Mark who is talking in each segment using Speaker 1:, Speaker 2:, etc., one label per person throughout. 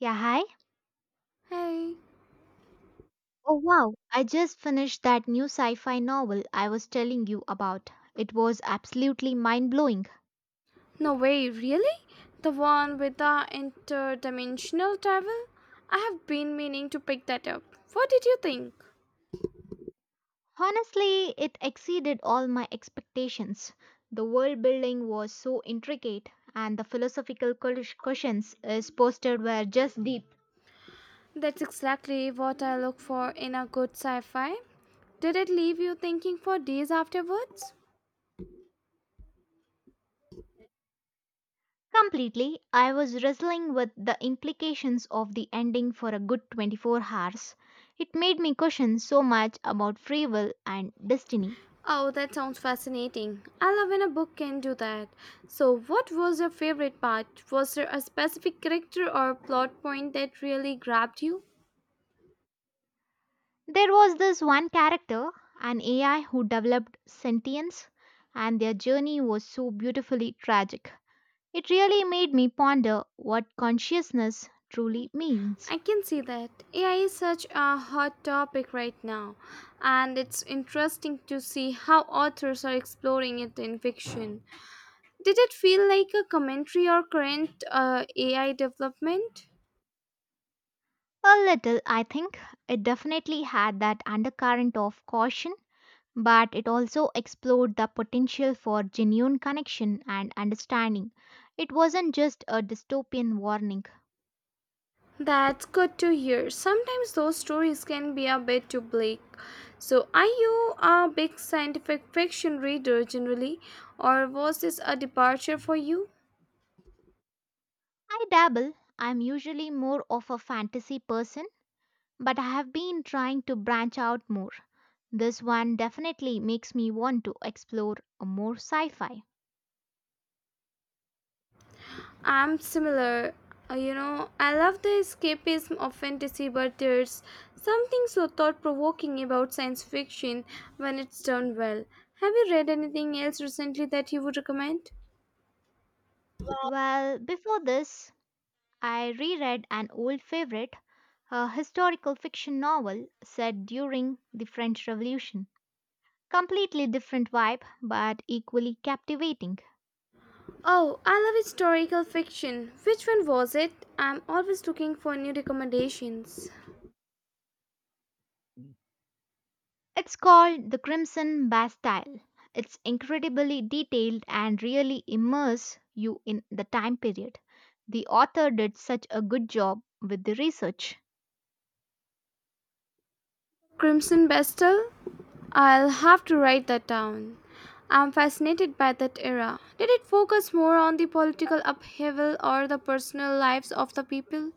Speaker 1: Yeah, hi.
Speaker 2: Hey,
Speaker 1: Oh, wow. I just finished that new sci fi novel I was telling you about. It was absolutely mind blowing.
Speaker 2: no way, really? The one with the interdimensional travel? I have been meaning to pick that up. What did you think?
Speaker 1: Honestly, it exceeded all my expectations. The world building was so intricate, and the philosophical questions is posted were just deep.
Speaker 2: That's exactly what I look for in a good sci fi. Did it leave you thinking for days afterwards?
Speaker 1: Completely, I was wrestling with the implications of the ending for a good 24 hours. It made me question so much about free will and destiny.
Speaker 2: Oh, that sounds fascinating. I love when a book can do that. So, what was your favorite part? Was there a specific character or plot point that really grabbed you?
Speaker 1: There was this one character, an AI who developed sentience, and their journey was so beautifully tragic. It really made me ponder what consciousness truly means.
Speaker 2: I can see that. AI is such a hot topic right now, and it's interesting to see how authors are exploring it in fiction. Did it feel like a commentary or current AI development?
Speaker 1: A little, I think. It definitely had that undercurrent of caution, but it also explored the potential for genuine connection and understanding. It wasn't just a dystopian warning.
Speaker 2: That's good to hear. Sometimes those stories can be a bit too bleak. So, are you a big scientific fiction reader generally, or was this a departure for you?
Speaker 1: I dabble. I'm usually more of a fantasy person, but I have been trying to branch out more. This one definitely makes me want to explore more sci fi.
Speaker 2: I'm similar. You know, I love the escapism of fantasy, but there's something so thought provoking about science fiction when it's done well. Have you read anything else recently that you would recommend?
Speaker 1: Well, before this, I reread an old favorite, a historical fiction novel set during the French Revolution. Completely different vibe, but equally captivating.
Speaker 2: Oh, I love historical fiction. Which one was it? I'm always looking for new recommendations.
Speaker 1: It's called The Crimson Bastille. It's incredibly detailed and really immerses you in the time period. The author did such a good job with the research.
Speaker 2: Crimson Bestel? I'll have to write that down. I'm fascinated by that era. Did it focus more on the political upheaval or the personal lives of the people?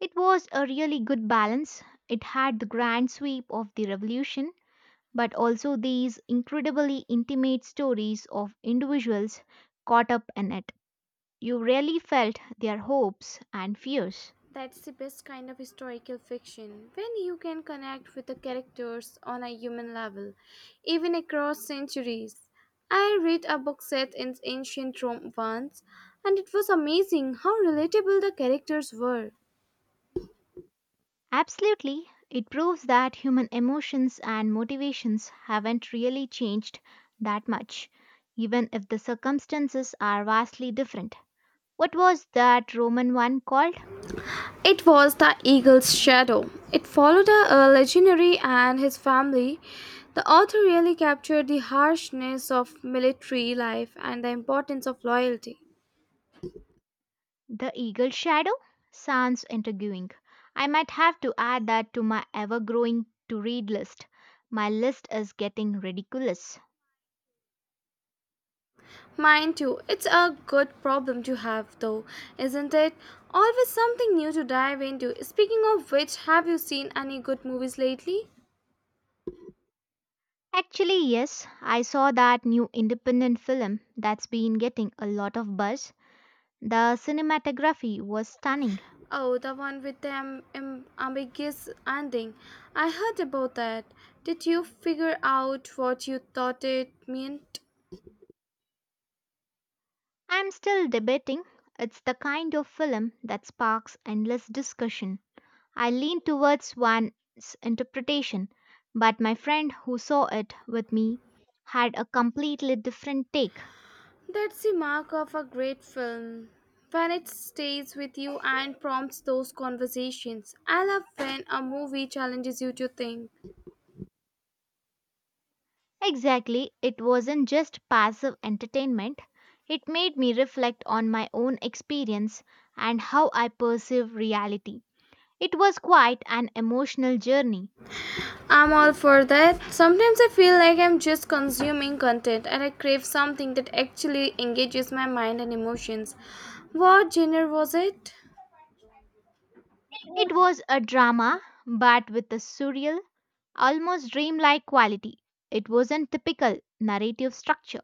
Speaker 1: It was a really good balance. It had the grand sweep of the revolution, but also these incredibly intimate stories of individuals caught up in it. You really felt their hopes and fears.
Speaker 2: That's the best kind of historical fiction, when you can connect with the characters on a human level, even across centuries. I read a book set in ancient Rome once, and it was amazing how relatable the characters were.
Speaker 1: Absolutely. It proves that human emotions and motivations haven't really changed that much, even if the circumstances are vastly different. What was that Roman one called?
Speaker 2: It was the eagle's shadow. It followed a legionary and his family. The author really captured the harshness of military life and the importance of loyalty.
Speaker 1: The Eagle Shadow? Sounds intriguing. I might have to add that to my ever growing to read list. My list is getting ridiculous.
Speaker 2: Mind too, it's a good problem to have though, isn't it? Always something new to dive into. Speaking of which, have you seen any good movies lately?
Speaker 1: Actually, yes, I saw that new independent film that's been getting a lot of buzz. The cinematography was stunning.
Speaker 2: Oh, the one with the ambiguous ending. I heard about that. Did you figure out what you thought it meant?
Speaker 1: I'm still debating. It's the kind of film that sparks endless discussion. I lean towards one's interpretation, but my friend who saw it with me had a completely different take.
Speaker 2: That's the mark of a great film. When it stays with you and prompts those conversations. I love when a movie challenges you to think.
Speaker 1: Exactly, it wasn't just passive entertainment. It made me reflect on my own experience and how I perceive reality. It was quite an emotional journey.
Speaker 2: I'm all for that. Sometimes I feel like I'm just consuming content and I crave something that actually engages my mind and emotions. What genre was it?
Speaker 1: It was a drama, but with a surreal, almost dreamlike quality. It wasn't typical narrative structure.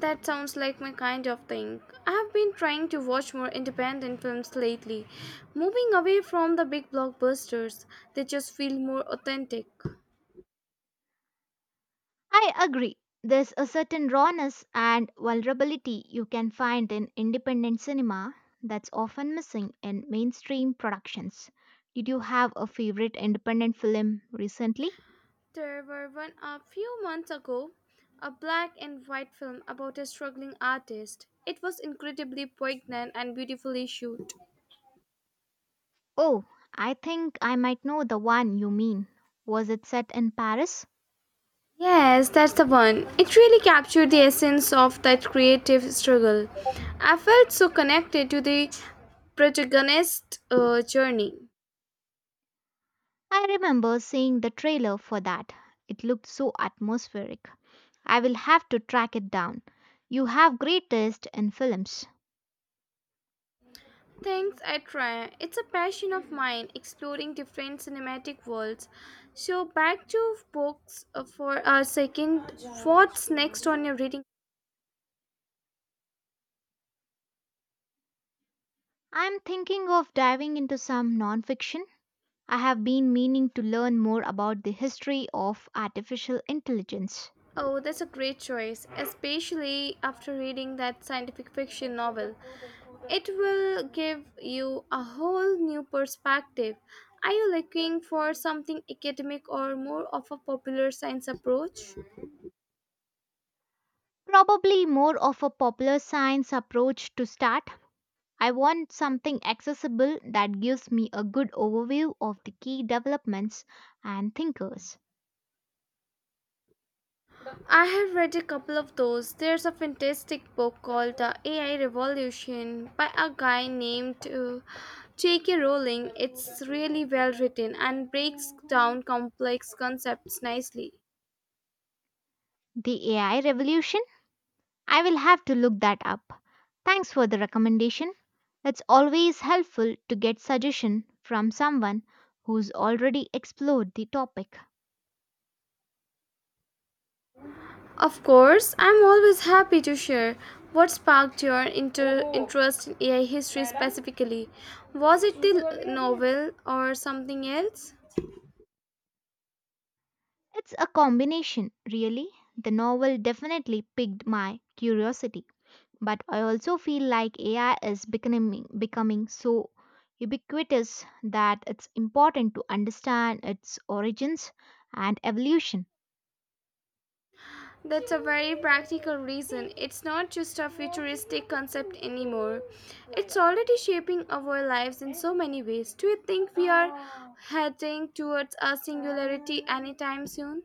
Speaker 2: That sounds like my kind of thing. I have been trying to watch more independent films lately, moving away from the big blockbusters. They just feel more authentic.
Speaker 1: I agree. There's a certain rawness and vulnerability you can find in independent cinema that's often missing in mainstream productions. Did you have a favorite independent film recently?
Speaker 2: There were one a few months ago, a black and white film about a struggling artist. It was incredibly poignant and beautifully shot.
Speaker 1: Oh, I think I might know the one you mean. Was it set in Paris?
Speaker 2: Yes, that's the one. It really captured the essence of that creative struggle. I felt so connected to the protagonist's journey.
Speaker 1: I remember seeing the trailer for that. It looked so atmospheric. I will have to track it down. You have great taste in films.
Speaker 2: Things I try. It's a passion of mine, exploring different cinematic worlds. So back to books for a second. What's next on your reading?
Speaker 1: I'm thinking of diving into some nonfiction. I have been meaning to learn more about the history of artificial intelligence.
Speaker 2: Oh, that's a great choice, especially after reading that scientific fiction novel. It will give you a whole new perspective. Are you looking for something academic or more of a popular science approach?
Speaker 1: Probably more of a popular science approach to start. I want something accessible that gives me a good overview of the key developments and thinkers.
Speaker 2: I have read a couple of those. There's a fantastic book called The AI Revolution by a guy named J.K. Rowling. It's really well written and breaks down complex concepts nicely.
Speaker 1: The AI revolution? I will have to look that up. Thanks for the recommendation. It's always helpful to get suggestion from someone who's already explored the topic.
Speaker 2: Of course, I'm always happy to share what sparked your interest in AI history specifically. Was it the novel or something else?
Speaker 1: It's a combination, really. The novel definitely piqued my curiosity, but I also feel like AI is becoming so ubiquitous that it's important to understand its origins and evolution.
Speaker 2: That's a very practical reason. It's not just a futuristic concept anymore. It's already shaping our lives in so many ways. Do you think we are heading towards a singularity anytime soon?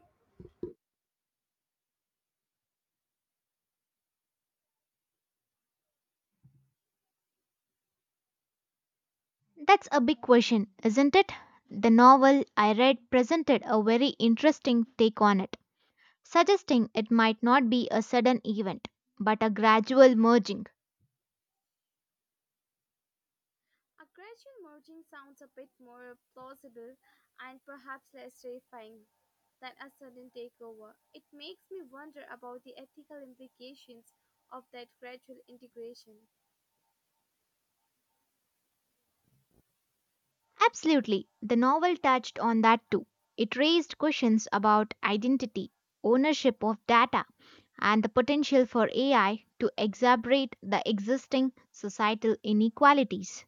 Speaker 1: That's a big question, isn't it? The novel I read presented a very interesting take on it, suggesting it might not be a sudden event, but a gradual merging.
Speaker 2: A gradual merging sounds a bit more plausible and perhaps less terrifying than a sudden takeover. It makes me wonder about the ethical implications of that gradual integration.
Speaker 1: Absolutely, the novel touched on that too. It raised questions about identity, ownership of data, and the potential for AI to exacerbate the existing societal inequalities.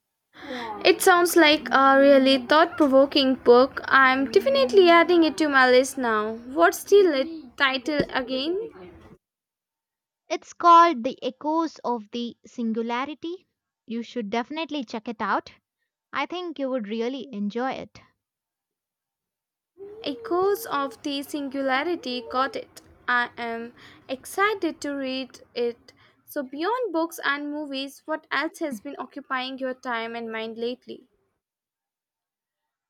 Speaker 2: It sounds like a really thought provoking book. I'm definitely adding it to my list now. What's the title again?
Speaker 1: It's called The Echoes of the Singularity. You should definitely check it out. I think you would really enjoy it.
Speaker 2: Echoes of the Singularity, got it. I am excited to read it. So, beyond books and movies, what else has been occupying your time and mind lately?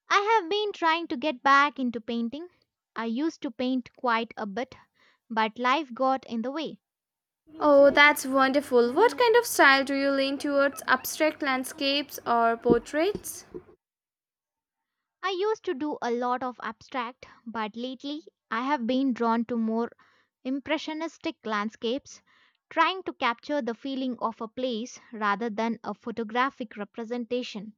Speaker 1: I have been trying to get back into painting. I used to paint quite a bit, but life got in the way.
Speaker 2: Oh, that's wonderful. What kind of style do you lean towards? Abstract landscapes or portraits?
Speaker 1: I used to do a lot of abstract, but lately I have been drawn to more impressionistic landscapes, trying to capture the feeling of a place rather than a photographic representation.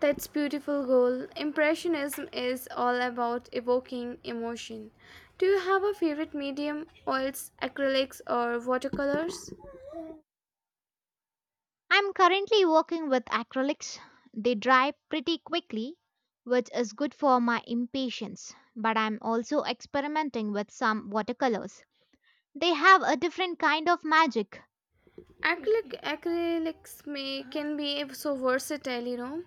Speaker 2: That's beautiful goal. Impressionism is all about evoking emotion. Do you have a favorite medium, oils, acrylics or watercolors?
Speaker 1: I'm currently working with acrylics. They dry pretty quickly, which is good for my impatience, but I'm also experimenting with some watercolors. They have a different kind of magic.
Speaker 2: Acrylics may can be so versatile, you know.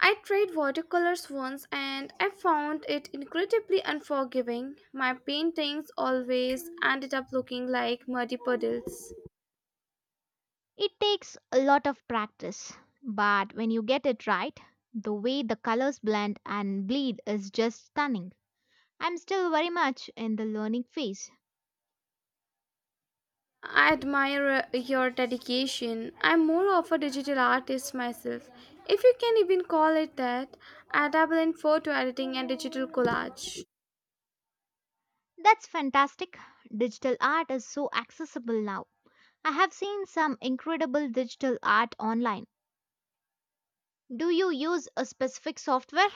Speaker 2: I tried watercolors once and I found it incredibly unforgiving. My paintings always ended up looking like muddy puddles.
Speaker 1: It takes a lot of practice, but when you get it right, the way the colors blend and bleed is just stunning. I'm still very much in the learning phase.
Speaker 2: I admire your dedication. I'm more of a digital artist myself, if you can even call it that. I dabble in photo editing and digital collage.
Speaker 1: That's fantastic. Digital art is so accessible now. I have seen some incredible digital art online. Do you use a specific software?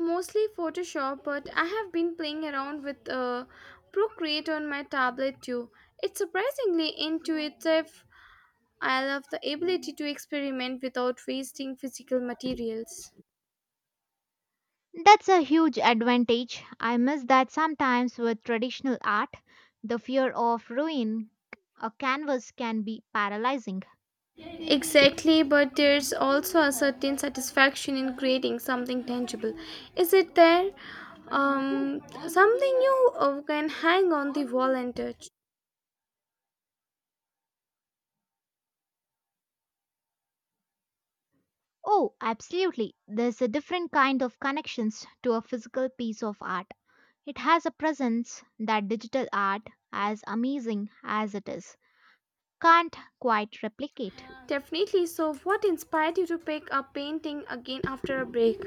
Speaker 2: Mostly Photoshop, but I have been playing around with Procreate on my tablet too. It's surprisingly intuitive. I love the ability to experiment without wasting physical materials.
Speaker 1: That's a huge advantage. I miss that sometimes with traditional art. The fear of ruin a canvas can be paralyzing.
Speaker 2: Exactly, but there's also a certain satisfaction in creating something tangible. Is it there? Um, something you can hang on the wall and touch.
Speaker 1: Oh, absolutely. There's a different kind of connections to a physical piece of art. It has a presence that digital art, as amazing as it is, can't quite replicate.
Speaker 2: Definitely. So, what inspired you to pick up painting again after a break?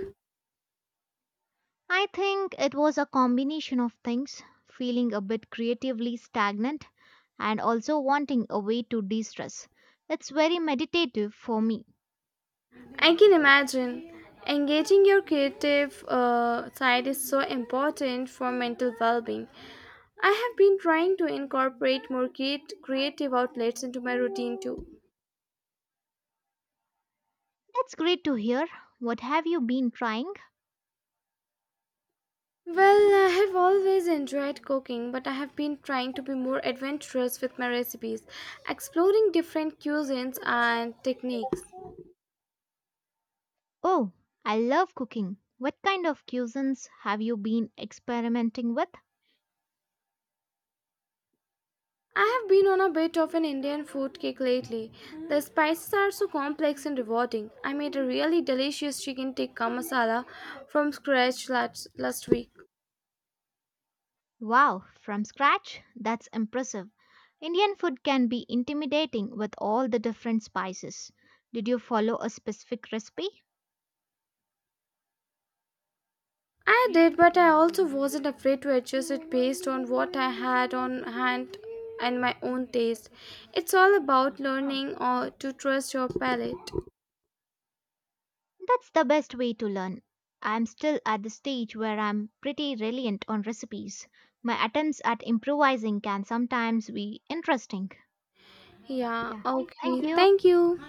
Speaker 1: I think it was a combination of things feeling a bit creatively stagnant and also wanting a way to de stress. It's very meditative for me.
Speaker 2: I can imagine. Engaging your creative side is so important for mental well being. I have been trying to incorporate more creative outlets into my routine too.
Speaker 1: That's great to hear. What have you been trying?
Speaker 2: Well, I have always enjoyed cooking, but I have been trying to be more adventurous with my recipes, exploring different cuisines and techniques.
Speaker 1: Oh, I love cooking. What kind of cuisines have you been experimenting with?
Speaker 2: I have been on a bit of an Indian food kick lately. The spices are so complex and rewarding. I made a really delicious chicken tikka masala from scratch last week.
Speaker 1: Wow, from scratch? That's impressive. Indian food can be intimidating with all the different spices. Did you follow a specific recipe?
Speaker 2: I did, but I also wasn't afraid to adjust it based on what I had on hand and my own taste. It's all about learning or to trust your palate.
Speaker 1: That's the best way to learn. I'm still at the stage where I'm pretty reliant on recipes. My attempts at improvising can sometimes be interesting.
Speaker 2: Yeah,
Speaker 1: Yeah. Thank
Speaker 2: okay.
Speaker 1: you.
Speaker 2: Thank you.